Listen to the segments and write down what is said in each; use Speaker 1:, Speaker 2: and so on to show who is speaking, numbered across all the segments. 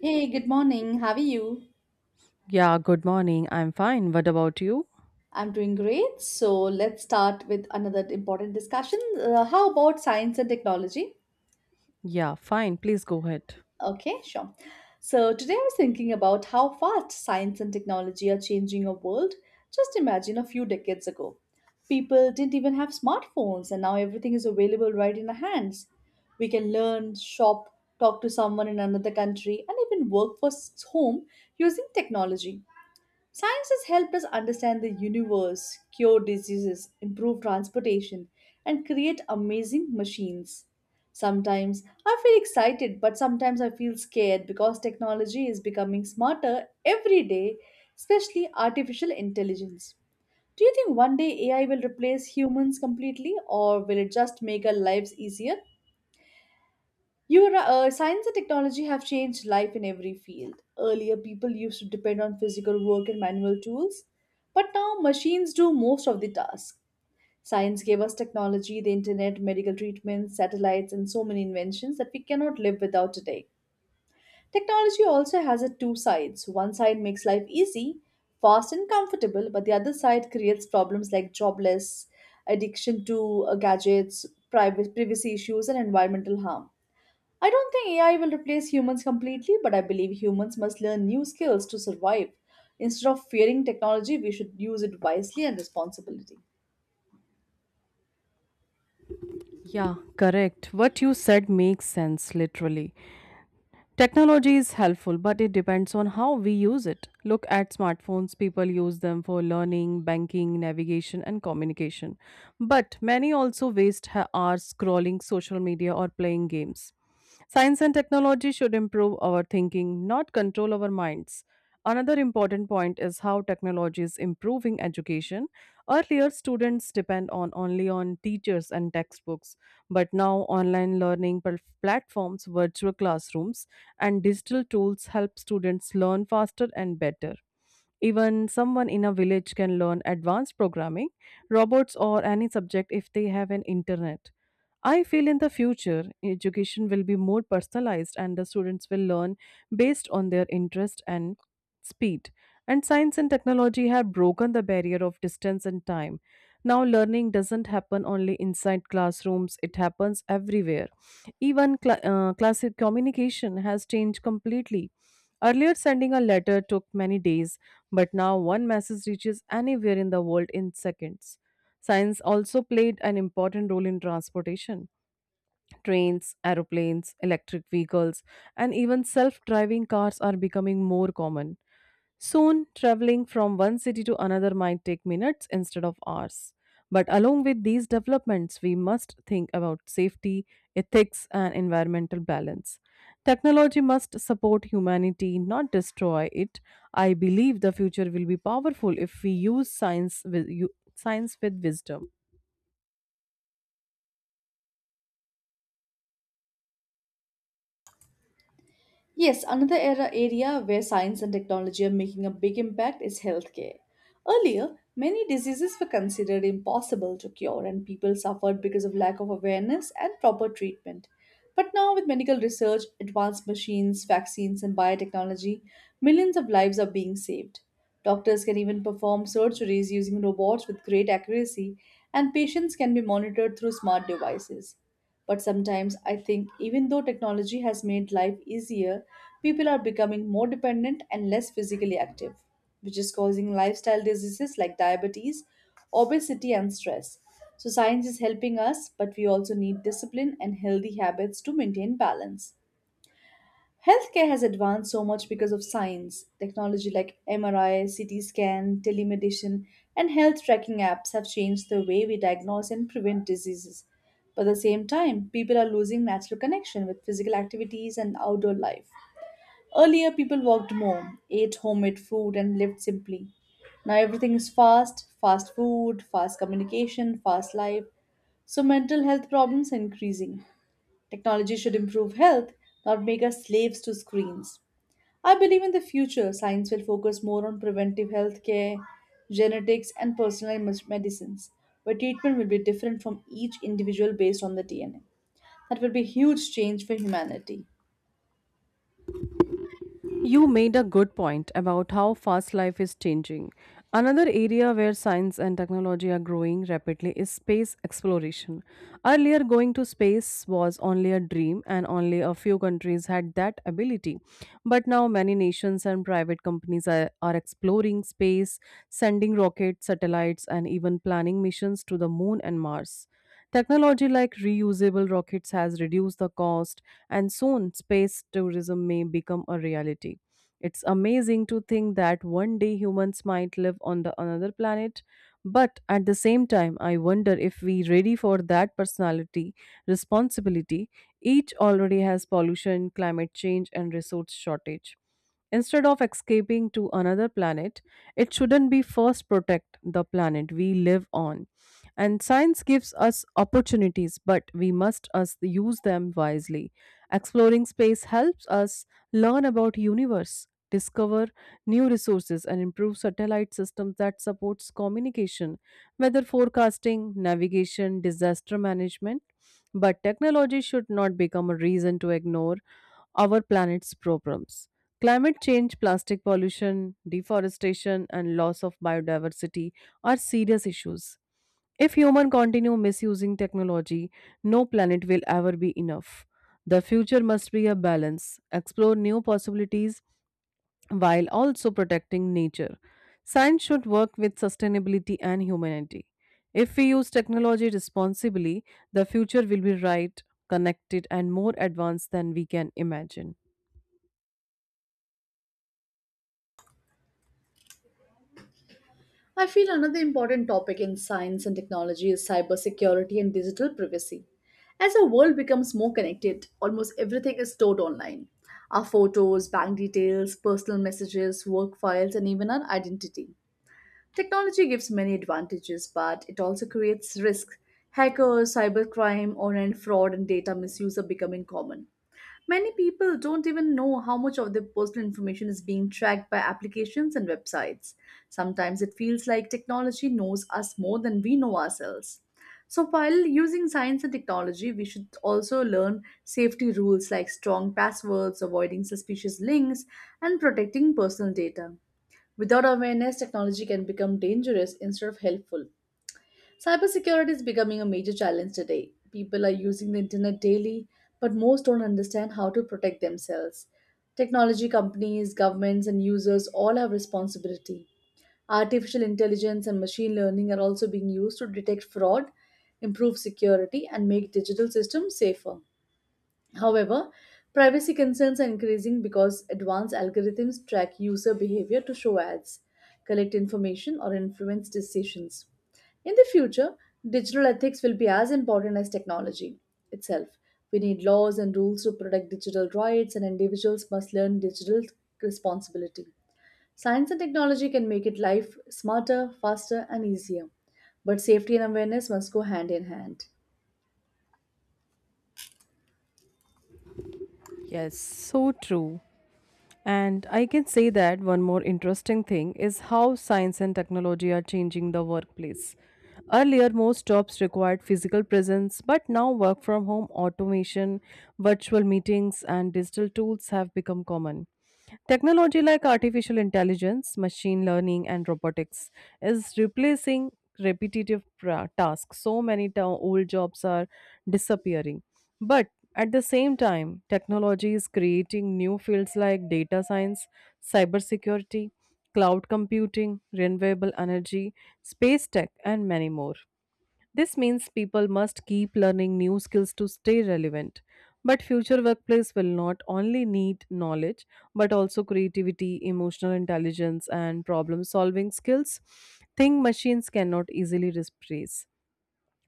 Speaker 1: Hey, good morning. How are you?
Speaker 2: Yeah, good morning. I'm fine. What about you?
Speaker 1: I'm doing great. So let's start with another important discussion. How about science and technology?
Speaker 2: Yeah, fine. Please go ahead.
Speaker 1: Okay, sure. So today I was thinking about how fast science and technology are changing our world. Just imagine a few decades ago. People didn't even have smartphones, and now everything is available right in our hands. We can learn, shop, talk to someone in another country, and even work for home using technology. Science has helped us understand the universe, cure diseases, improve transportation, and create amazing machines. Sometimes I feel excited, but sometimes I feel scared because technology is becoming smarter every day, especially artificial intelligence. Do you think one day AI will replace humans completely, or will it just make our lives easier? You are, right, science and technology have changed life in every field. Earlier, people used to depend on physical work and manual tools, but now machines do most of the tasks. Science gave us technology, the internet, medical treatments, satellites, and so many inventions that we cannot live without today. Technology also has a two sides. One side makes life easy, fast, and comfortable, but the other side creates problems like jobless, addiction to gadgets, privacy issues, and environmental harm. I don't think AI will replace humans completely, but I believe humans must learn new skills to survive. Instead of fearing technology, we should use it wisely and responsibly.
Speaker 2: Yeah, correct. What you said makes sense, literally. Technology is helpful, but it depends on how we use it. Look at smartphones, people use them for learning, banking, navigation, and communication. But many also waste hours scrolling social media or playing games. Science and technology should improve our thinking, not control our minds. Another important point is how technology is improving education. Earlier, students depend on only on teachers and textbooks, but now online learning platforms, virtual classrooms, and digital tools help students learn faster and better. Even someone in a village can learn advanced programming, robots, or any subject if they have an internet. I feel in the future, education will be more personalized and the students will learn based on their interest and speed. And science and technology have broken the barrier of distance and time. Now, learning doesn't happen only inside classrooms, it happens everywhere. Even classic communication has changed completely. Earlier, sending a letter took many days. But now one message reaches anywhere in the world in seconds. Science also played an important role in transportation. Trains, aeroplanes, electric vehicles, and even self driving cars are becoming more common. Soon, traveling from one city to another might take minutes instead of hours. But along with these developments, we must think about safety, ethics, and environmental balance. Technology must support humanity, not destroy it. I believe the future will be powerful if we use science with wisdom.
Speaker 1: Yes, another era area where science and technology are making a big impact is healthcare. Earlier, many diseases were considered impossible to cure and people suffered because of lack of awareness and proper treatment. But now with medical research, advanced machines, vaccines and biotechnology, millions of lives are being saved. Doctors can even perform surgeries using robots with great accuracy and patients can be monitored through smart devices. But sometimes I think even though technology has made life easier, people are becoming more dependent and less physically active, which is causing lifestyle diseases like diabetes, obesity, and stress. So, science is helping us, but we also need discipline and healthy habits to maintain balance. Healthcare has advanced so much because of science. Technology like MRI, CT scan, telemedicine, and health tracking apps have changed the way we diagnose and prevent diseases. But at the same time, people are losing natural connection with physical activities and outdoor life. Earlier, people worked more, ate homemade food, and lived simply. Now, everything is fast fast food, fast communication, fast life. So, mental health problems are increasing. Technology should improve health, not make us slaves to screens. I believe in the future, science will focus more on preventive health care, genetics, and personalized medicines, where treatment will be different from each individual based on the DNA. That will be a huge change for humanity.
Speaker 2: You made a good point about how fast life is changing. Another area where science and technology are growing rapidly is space exploration. Earlier, going to space was only a dream, and only a few countries had that ability. But now, many nations and private companies are exploring space, sending rockets, satellites, and even planning missions to the moon and Mars. Technology like reusable rockets has reduced the cost, and soon space tourism may become a reality. It's amazing to think that one day humans might live on the another planet, but at the same time, I wonder if we ready for that personality responsibility. Each already has pollution, climate change, and resource shortage. Instead of escaping to another planet, it shouldn't be first protect the planet we live on and science gives us opportunities, but we must us use them wisely. Exploring space helps us learn about universe, discover new resources and improve satellite systems that supports communication, weather forecasting, navigation, disaster management. But technology should not become a reason to ignore our planet's problems. Climate change, plastic pollution, deforestation, and loss of biodiversity are serious issues. If humans continue misusing technology, no planet will ever be enough. The future must be a balance, explore new possibilities while also protecting nature. Science should work with sustainability and humanity. If we use technology responsibly, the future will be right, connected, and more advanced than we can imagine.
Speaker 1: I feel another important topic in science and technology is cybersecurity and digital privacy. As our world becomes more connected, almost everything is stored online, our photos, bank details, personal messages, work files, and even our identity. Technology gives many advantages, but it also creates risks. Hackers, cybercrime, online fraud, and data misuse are becoming common. Many people don't even know how much of their personal information is being tracked by applications and websites. Sometimes it feels like technology knows us more than we know ourselves. So, while using science and technology, we should also learn safety rules like strong passwords, avoiding suspicious links, and protecting personal data. Without awareness, technology can become dangerous instead of helpful. Cybersecurity is becoming a major challenge today. People are using the internet daily, but most don't understand how to protect themselves. Technology companies, governments, and users all have responsibility. Artificial intelligence and machine learning are also being used to detect fraud, improve security, and make digital systems safer. However, privacy concerns are increasing because advanced algorithms track user behavior to show ads, collect information, or influence decisions. In the future, digital ethics will be as important as technology itself. We need laws and rules to protect digital rights, and individuals must learn digital responsibility. Science and technology can make it life smarter, faster, and easier, but safety and awareness must go hand in hand.
Speaker 2: Yes, so true. And I can say that one more interesting thing is how science and technology are changing the workplace. Earlier, most jobs required physical presence, but now work from home, automation, virtual meetings, and digital tools have become common. Technology like artificial intelligence, machine learning, and robotics is replacing repetitive tasks. So many old jobs are disappearing. But at the same time, technology is creating new fields like data science, cybersecurity, cloud computing, renewable energy, space tech, and many more. This means people must keep learning new skills to stay relevant. But future workplace will not only need knowledge but also creativity, emotional intelligence and problem solving skills. Thing machines cannot easily replace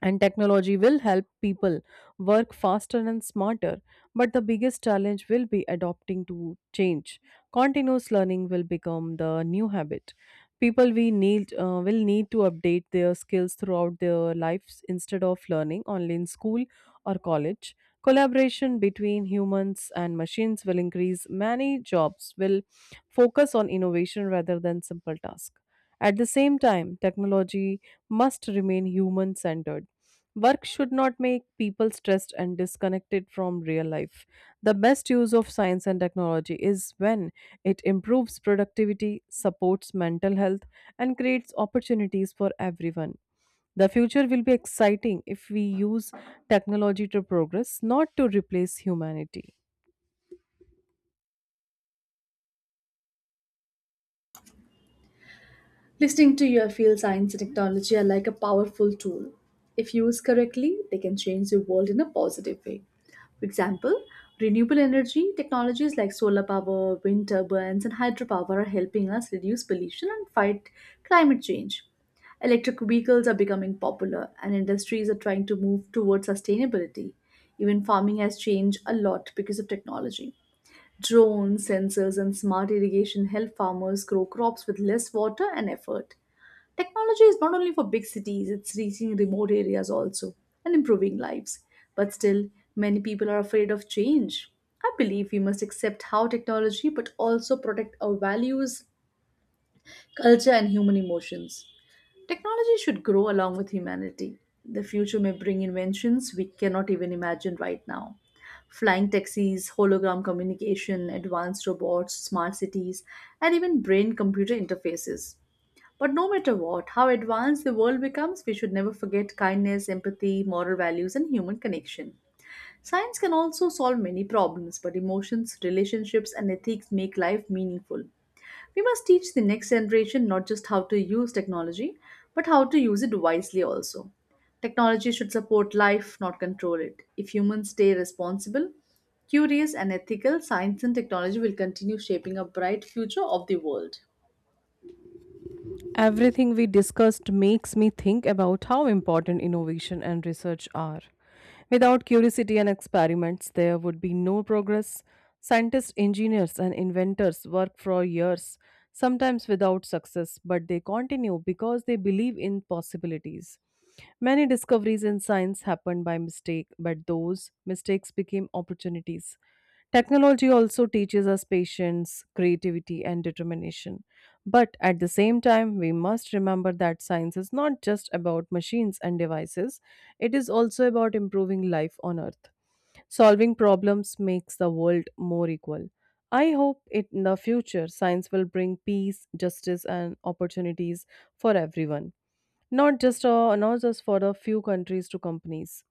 Speaker 2: and technology will help people work faster and smarter, but the biggest challenge will be adopting to change. Continuous learning will become the new habit. People we need uh, will need to update their skills throughout their lives instead of learning only in school or college. Collaboration between humans and machines will increase. Many jobs will focus on innovation rather than simple tasks. At the same time, technology must remain human centered. Work should not make people stressed and disconnected from real life. The best use of science and technology is when it improves productivity, supports mental health, and creates opportunities for everyone. The future will be exciting if we use technology to progress, not to replace humanity.
Speaker 1: Listening to your field, science and technology are like a powerful tool. If used correctly, they can change the world in a positive way. For example, renewable energy technologies like solar power, wind turbines, and hydropower are helping us reduce pollution and fight climate change. Electric vehicles are becoming popular, and industries are trying to move towards sustainability. Even farming has changed a lot because of technology. Drones, sensors, and smart irrigation help farmers grow crops with less water and effort. Technology is not only for big cities, it's reaching remote areas also and improving lives. But still, many people are afraid of change. I believe we must accept how technology but also protect our values, culture, and human emotions. Technology should grow along with humanity. The future may bring inventions we cannot even imagine right now. Flying taxis, hologram communication, advanced robots, smart cities, and even brain computer interfaces. But no matter what, how advanced the world becomes, we should never forget kindness, empathy, moral values, and human connection. Science can also solve many problems, but emotions, relationships, and ethics make life meaningful. We must teach the next generation not just how to use technology, but how to use it wisely also. Technology should support life, not control it. If humans stay responsible, curious, and ethical, science and technology will continue shaping a bright future of the world.
Speaker 2: Everything we discussed makes me think about how important innovation and research are. Without curiosity and experiments, there would be no progress. Scientists, engineers, and inventors work for years, sometimes without success, but they continue because they believe in possibilities. Many discoveries in science happened by mistake, but those mistakes became opportunities. Technology also teaches us patience, creativity, and determination. But at the same time, we must remember that science is not just about machines and devices, it is also about improving life on Earth. Solving problems makes the world more equal. I hope it, in the future science will bring peace, justice, and opportunities for everyone, not just for a few countries to companies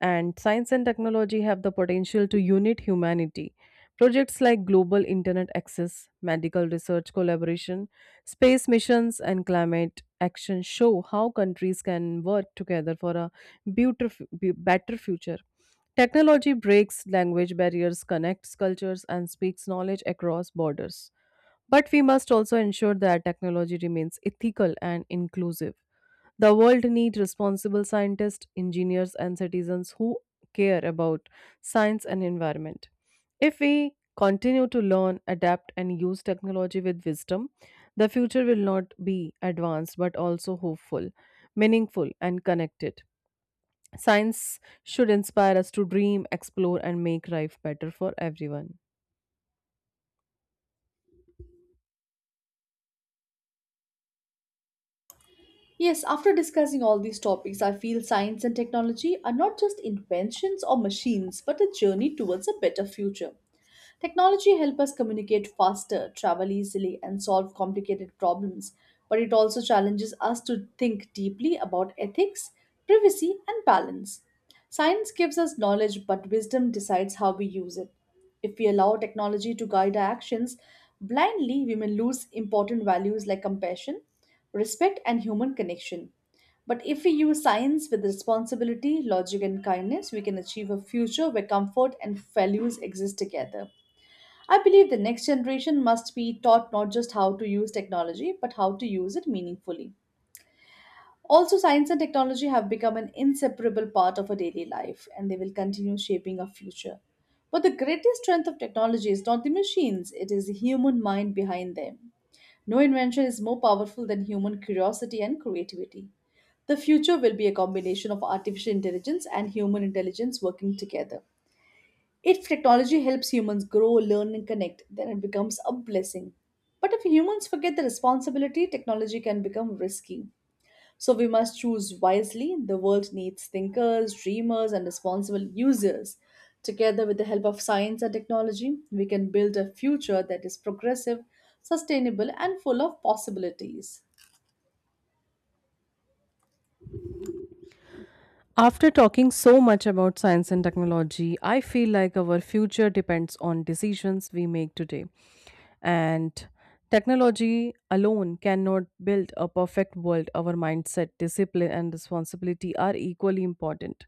Speaker 2: and science and technology have the potential to unite humanity. Projects like global internet access, medical research collaboration, space missions, and climate action show how countries can work together for a better future. Technology breaks language barriers, connects cultures, and speaks knowledge across borders. But we must also ensure that technology remains ethical and inclusive. The world needs responsible scientists, engineers, and citizens who care about science and environment. If we continue to learn, adapt, and use technology with wisdom, the future will not be advanced but also hopeful, meaningful, and connected. Science should inspire us to dream, explore, and make life better for everyone.
Speaker 1: Yes, after discussing all these topics, I feel science and technology are not just inventions or machines, but a journey towards a better future. Technology helps us communicate faster, travel easily, and solve complicated problems, but it also challenges us to think deeply about ethics, privacy, and balance. Science gives us knowledge, but wisdom decides how we use it. If we allow technology to guide our actions blindly, we may lose important values like compassion, respect, and human connection. But if we use science with responsibility, logic, and kindness, we can achieve a future where comfort and values exist together. I believe the next generation must be taught not just how to use technology, but how to use it meaningfully. Also, science and technology have become an inseparable part of our daily life and they will continue shaping our future. But the greatest strength of technology is not the machines, it is the human mind behind them. No invention is more powerful than human curiosity and creativity. The future will be a combination of artificial intelligence and human intelligence working together. If technology helps humans grow, learn, and connect, then it becomes a blessing. But if humans forget the responsibility, technology can become risky. So we must choose wisely. The world needs thinkers, dreamers, and responsible users. Together with the help of science and technology, we can build a future that is progressive, sustainable, and full of possibilities.
Speaker 2: After talking so much about science and technology, I feel like our future depends on decisions we make today. And technology alone cannot build a perfect world. Our mindset, discipline, and responsibility are equally important.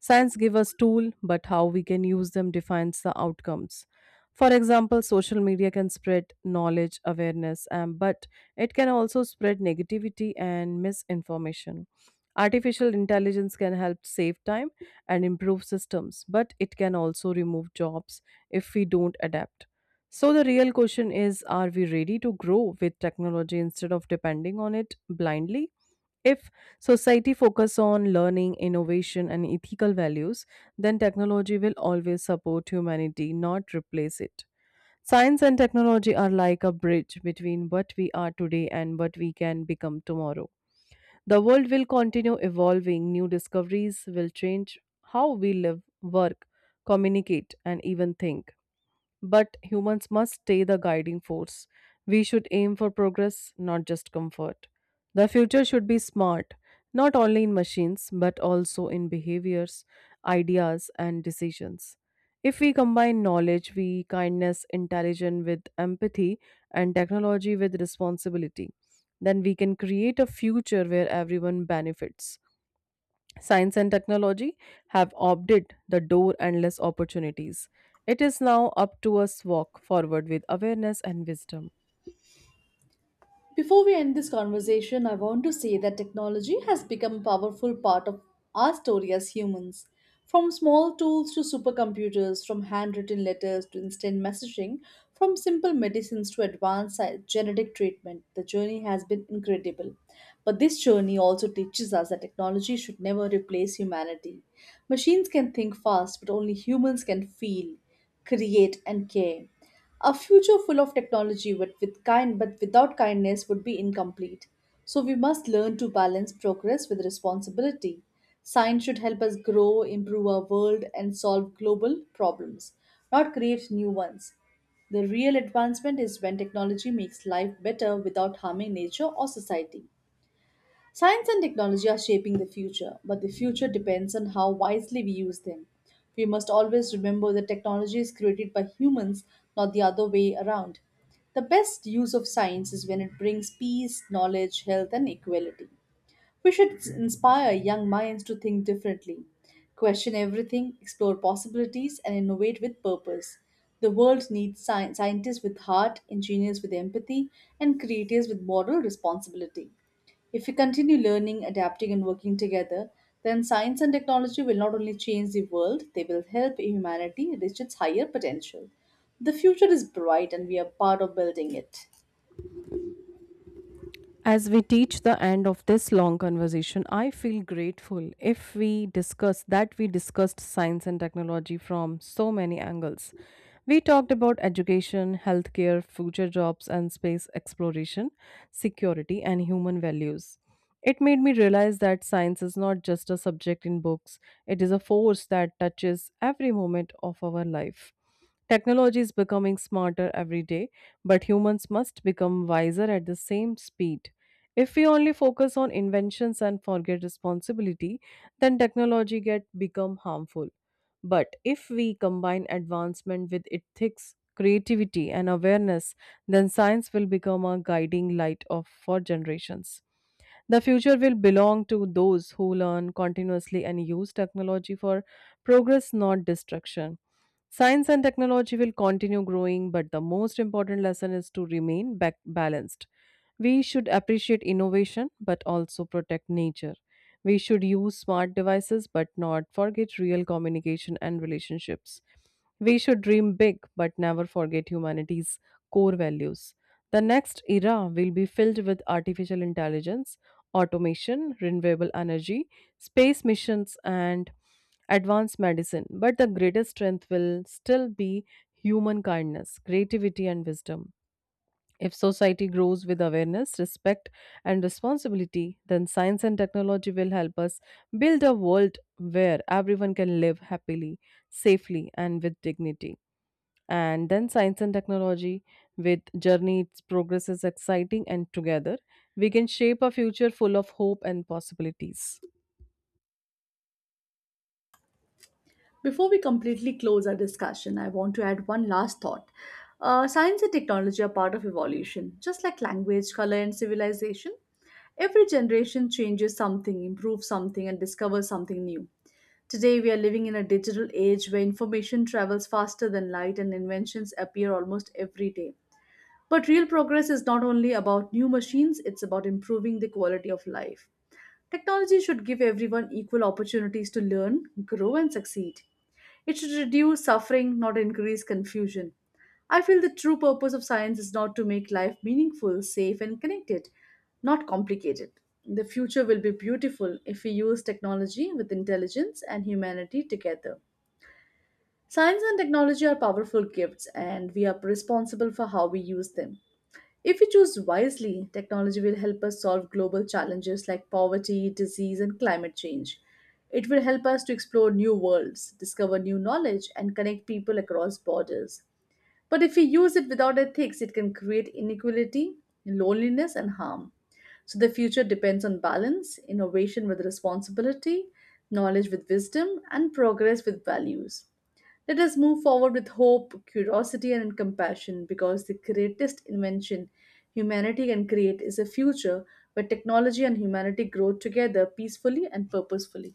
Speaker 2: Science gives us tools, but how we can use them defines the outcomes. For example, social media can spread knowledge, awareness, and but it can also spread negativity and misinformation. Artificial intelligence can help save time and improve systems, but it can also remove jobs if we don't adapt. So, the real question is, are we ready to grow with technology instead of depending on it blindly? If society focus on learning, innovation, and ethical values, then technology will always support humanity, not replace it. Science and technology are like a bridge between what we are today and what we can become tomorrow. The world will continue evolving. New discoveries will change how we live, work, communicate, and even think. But humans must stay the guiding force. We should aim for progress, not just comfort. The future should be smart, not only in machines, but also in behaviors, ideas, and decisions. If we combine knowledge, we kindness, intelligence with empathy, and technology with responsibility, then we can create a future where everyone benefits. Science and technology have opted the door endless opportunities. It is now up to us walk forward with awareness and wisdom.
Speaker 1: Before we end this conversation, I want to say that technology has become a powerful part of our story as humans. From small tools to supercomputers, from handwritten letters to instant messaging, from simple medicines to advanced genetic treatment, the journey has been incredible. But this journey also teaches us that technology should never replace humanity. Machines can think fast, but only humans can feel, create, and care. A future full of technology but with kind but without kindness would be incomplete. So we must learn to balance progress with responsibility. Science should help us grow, improve our world and solve global problems, not create new ones. The real advancement is when technology makes life better without harming nature or society. Science and technology are shaping the future, but the future depends on how wisely we use them. We must always remember that technology is created by humans, not the other way around. The best use of science is when it brings peace, knowledge, health, and equality. We should inspire young minds to think differently, question everything, explore possibilities, and innovate with purpose. The world needs scientists with heart, engineers with empathy, and creators with moral responsibility. If we continue learning, adapting, and working together, then science and technology will not only change the world, they will help humanity reach its higher potential. The future is bright, and we are part of building it.
Speaker 2: As we teach the end of this long conversation, I feel grateful if we discuss that we discussed science and technology from so many angles. We talked about education, healthcare, future jobs and space exploration, security, and human values. It made me realize that science is not just a subject in books, it is a force that touches every moment of our life. Technology is becoming smarter every day, but humans must become wiser at the same speed. If we only focus on inventions and forget responsibility, then technology get become harmful. But if we combine advancement with ethics, creativity and awareness, then science will become a guiding light of for generations. The future will belong to those who learn continuously and use technology for progress, not destruction. Science and technology will continue growing, but the most important lesson is to remain back balanced. We should appreciate innovation but also protect nature. We should use smart devices but not forget real communication and relationships. We should dream big but never forget humanity's core values. The next era will be filled with artificial intelligence, automation, renewable energy, space missions, and advanced medicine. But the greatest strength will still be human kindness, creativity, and wisdom. If society grows with awareness, respect, and responsibility, then science and technology will help us build a world where everyone can live happily, safely, and with dignity, and then science and technology with journey its progress is exciting, and together we can shape a future full of hope and possibilities.
Speaker 1: Before we completely close our discussion, I want to add one last thought. Science and technology are part of evolution, just like language, color, and civilization. Every generation changes something, improves something, and discovers something new. Today, we are living in a digital age where information travels faster than light and inventions appear almost every day. But real progress is not only about new machines, it's about improving the quality of life. Technology should give everyone equal opportunities to learn, grow, and succeed. It should reduce suffering, not increase confusion. I feel the true purpose of science is not to make life meaningful, safe, and connected, not complicated. The future will be beautiful if we use technology with intelligence and humanity together. Science and technology are powerful gifts, and we are responsible for how we use them. If we choose wisely, technology will help us solve global challenges like poverty, disease, and climate change. It will help us to explore new worlds, discover new knowledge, and connect people across borders. But if we use it without ethics, it can create inequality, loneliness, and harm. So the future depends on balance, innovation with responsibility, knowledge with wisdom, and progress with values. Let us move forward with hope, curiosity, and compassion because the greatest invention humanity can create is a future where technology and humanity grow together peacefully and purposefully.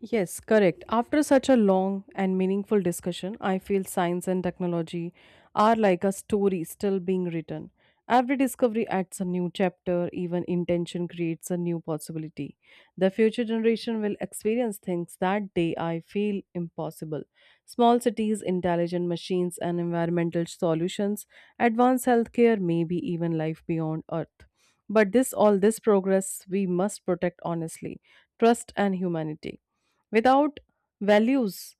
Speaker 2: Yes, correct. After such a long and meaningful discussion, I feel science and technology are like a story still being written. Every discovery adds a new chapter, even intention creates a new possibility. The future generation will experience things that they I feel impossible. Small cities, intelligent machines, and environmental solutions, advanced healthcare, maybe even life beyond Earth. But this all this progress we must protect honestly, trust and humanity. Without values,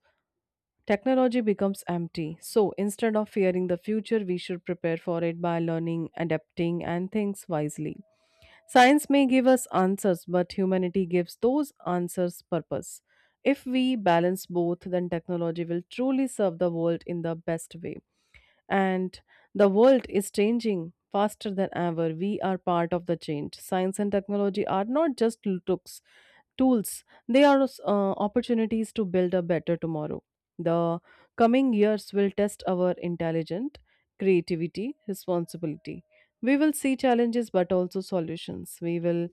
Speaker 2: technology becomes empty. So instead of fearing the future, we should prepare for it by learning, adapting, and things wisely. Science may give us answers, but humanity gives those answers purpose. If we balance both, then technology will truly serve the world in the best way. And the world is changing faster than ever. We are part of the change. Science and technology are not just looks, Tools, they are opportunities to build a better tomorrow. The coming years will test our intelligence, creativity, responsibility. We will see challenges but also solutions. We will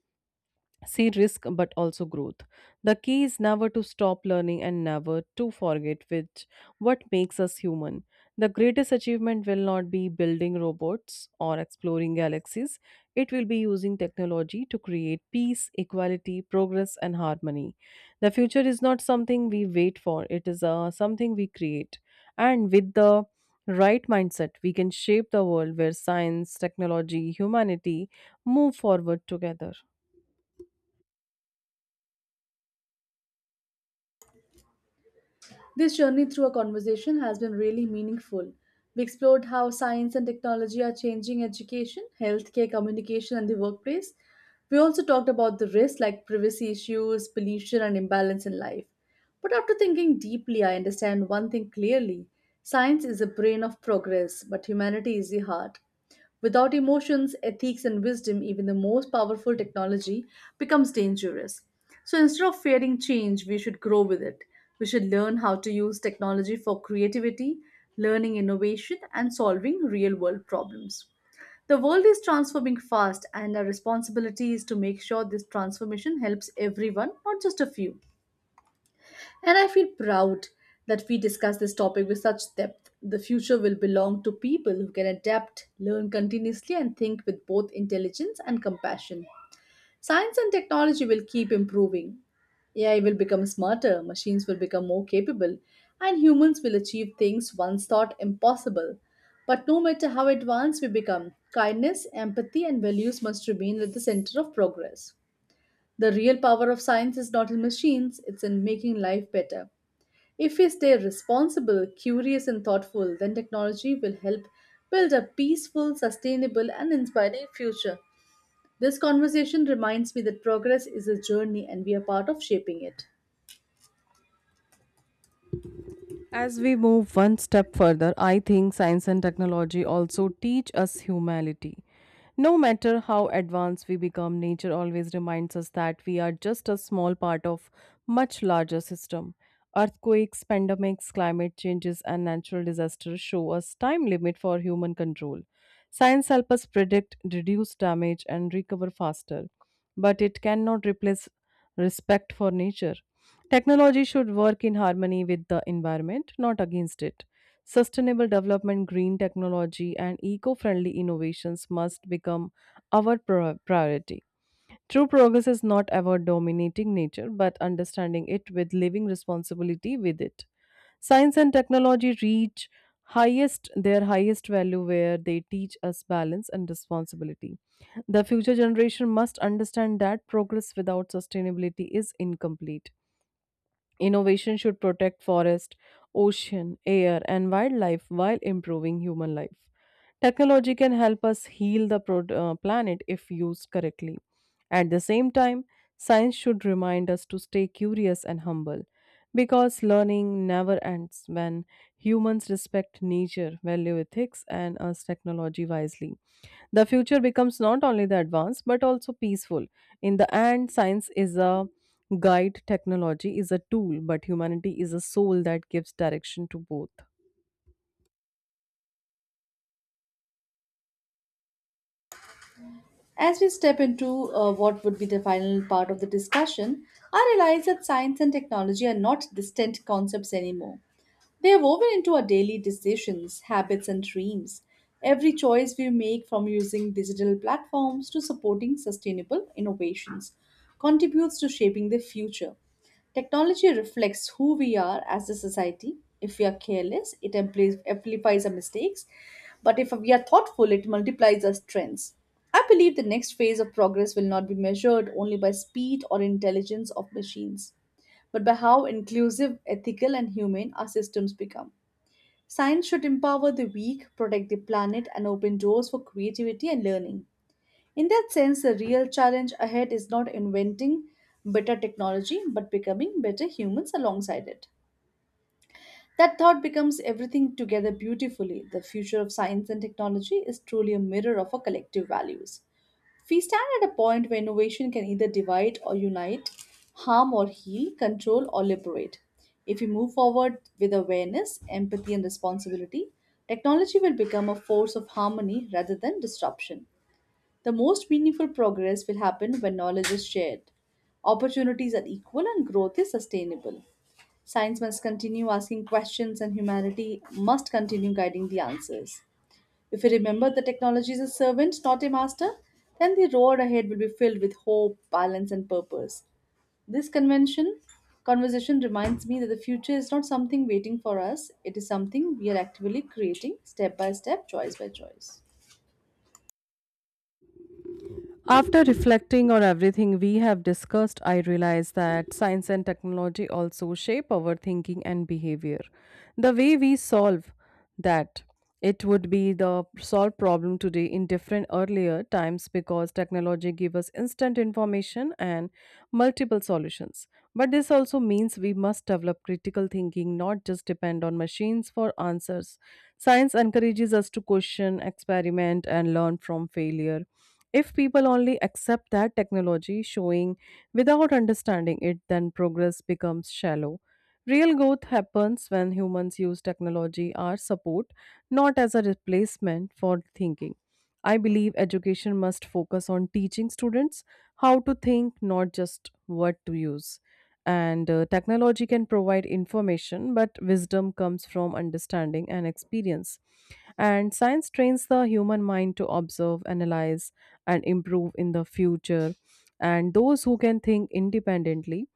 Speaker 2: see risk but also growth. The key is never to stop learning and never to forget which what makes us human. The greatest achievement will not be building robots or exploring galaxies. It will be using technology to create peace, equality, progress, and harmony. The future is not something we wait for. It is something we create, and with the right mindset we can shape the world where science, technology, humanity move forward together.
Speaker 1: This journey through a conversation has been really meaningful. We explored how science and technology are changing education, healthcare, communication, and the workplace. We also talked about the risks like privacy issues, pollution, and imbalance in life. But after thinking deeply, I understand one thing clearly science is the brain of progress, but humanity is the heart. Without emotions, ethics, and wisdom, even the most powerful technology becomes dangerous. So instead of fearing change, we should grow with it. We should learn how to use technology for creativity, learning innovation, and solving real world problems. The world is transforming fast, and our responsibility is to make sure this transformation helps everyone, not just a few. And I feel proud that we discuss this topic with such depth. The future will belong to people who can adapt, learn continuously, and think with both intelligence and compassion. Science and technology will keep improving. AI will become smarter, machines will become more capable, and humans will achieve things once thought impossible. But no matter how advanced we become, kindness, empathy, and values must remain at the center of progress. The real power of science is not in machines, it's in making life better. If we stay responsible, curious, and thoughtful, then technology will help build a peaceful, sustainable, and inspiring future. This conversation reminds me that progress is a journey and we are part of shaping it.
Speaker 2: As we move one step further, I think science and technology also teach us humility. No matter how advanced we become, nature always reminds us that we are just a small part of much larger system. Earthquakes, pandemics, climate changes and natural disasters show us time limit for human control. Science helps us predict, reduce damage and recover faster, but it cannot replace respect for nature. Technology should work in harmony with the environment, not against it. Sustainable development, green technology, and eco friendly innovations must become our priority. True progress is not about dominating nature, but understanding it with living responsibility with it. Science and technology reach highest their highest value where they teach us balance and responsibility. The future generation must understand that progress without sustainability is incomplete. Innovation should protect forest, ocean, air, and wildlife while improving human life. Technology can help us heal the planet if used correctly. At the same time, science should remind us to stay curious and humble because learning never ends when humans respect nature, value ethics, and use technology wisely. The future becomes not only the advanced but also peaceful. In the end, science is a guide. Technology is a tool, but humanity is a soul that gives direction to both.
Speaker 1: As we step into what would be the final part of the discussion, I realize that science and technology are not distant concepts anymore. They are woven into our daily decisions, habits, and dreams. Every choice we make, from using digital platforms to supporting sustainable innovations, contributes to shaping the future. Technology reflects who we are as a society. If we are careless, it amplifies our mistakes. But if we are thoughtful, it multiplies our strengths. I believe the next phase of progress will not be measured only by speed or intelligence of machines but by how inclusive, ethical, and humane our systems become. Science should empower the weak, protect the planet, and open doors for creativity and learning. In that sense, the real challenge ahead is not inventing better technology, but becoming better humans alongside it. That thought becomes everything together beautifully. The future of science and technology is truly a mirror of our collective values. We stand at a point where innovation can either divide or unite, harm or heal, control or liberate. If we move forward with awareness, empathy, and responsibility, technology will become a force of harmony rather than disruption. The most meaningful progress will happen when knowledge is shared, opportunities are equal, and growth is sustainable. Science must continue asking questions, and humanity must continue guiding the answers. If we remember that technology is a servant, not a master, then the road ahead will be filled with hope, balance, and purpose. This convention conversation reminds me that the future is not something waiting for us, it is something we are actively creating step by step, choice by choice.
Speaker 2: After reflecting on everything we have discussed, I realize that science and technology also shape our thinking and behavior. The way we solve that it would be the solved problem today in different earlier times because technology gives us instant information and multiple solutions. But this also means we must develop critical thinking, not just depend on machines for answers. Science encourages us to question, experiment, and learn from failure. If people only accept that technology showing without understanding it, then progress becomes shallow. Real growth happens when humans use technology as support, not as a replacement for thinking. I believe education must focus on teaching students how to think, not just what to use. And technology can provide information, but wisdom comes from understanding and experience. And science trains the human mind to observe, analyze, and improve in the future. And those who can think independently,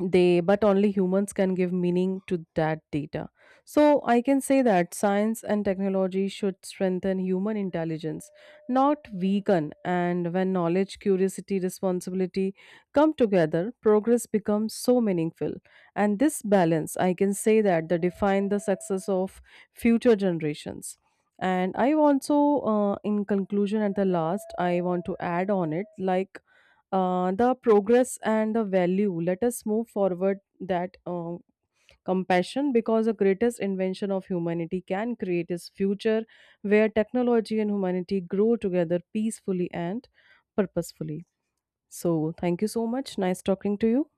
Speaker 2: they but only humans can give meaning to that data. So I can say that science and technology should strengthen human intelligence, not weaken. And when knowledge, curiosity, responsibility come together, progress becomes so meaningful. And this balance, I can say that, the define the success of future generations. And I also, in conclusion at the last, I want to add on it like, the progress and the value. Let us move forward that compassion, because the greatest invention of humanity can create is future where technology and humanity grow together peacefully and purposefully. So, thank you so much. Nice talking to you.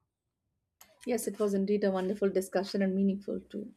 Speaker 1: Yes, it was indeed a wonderful discussion and meaningful too.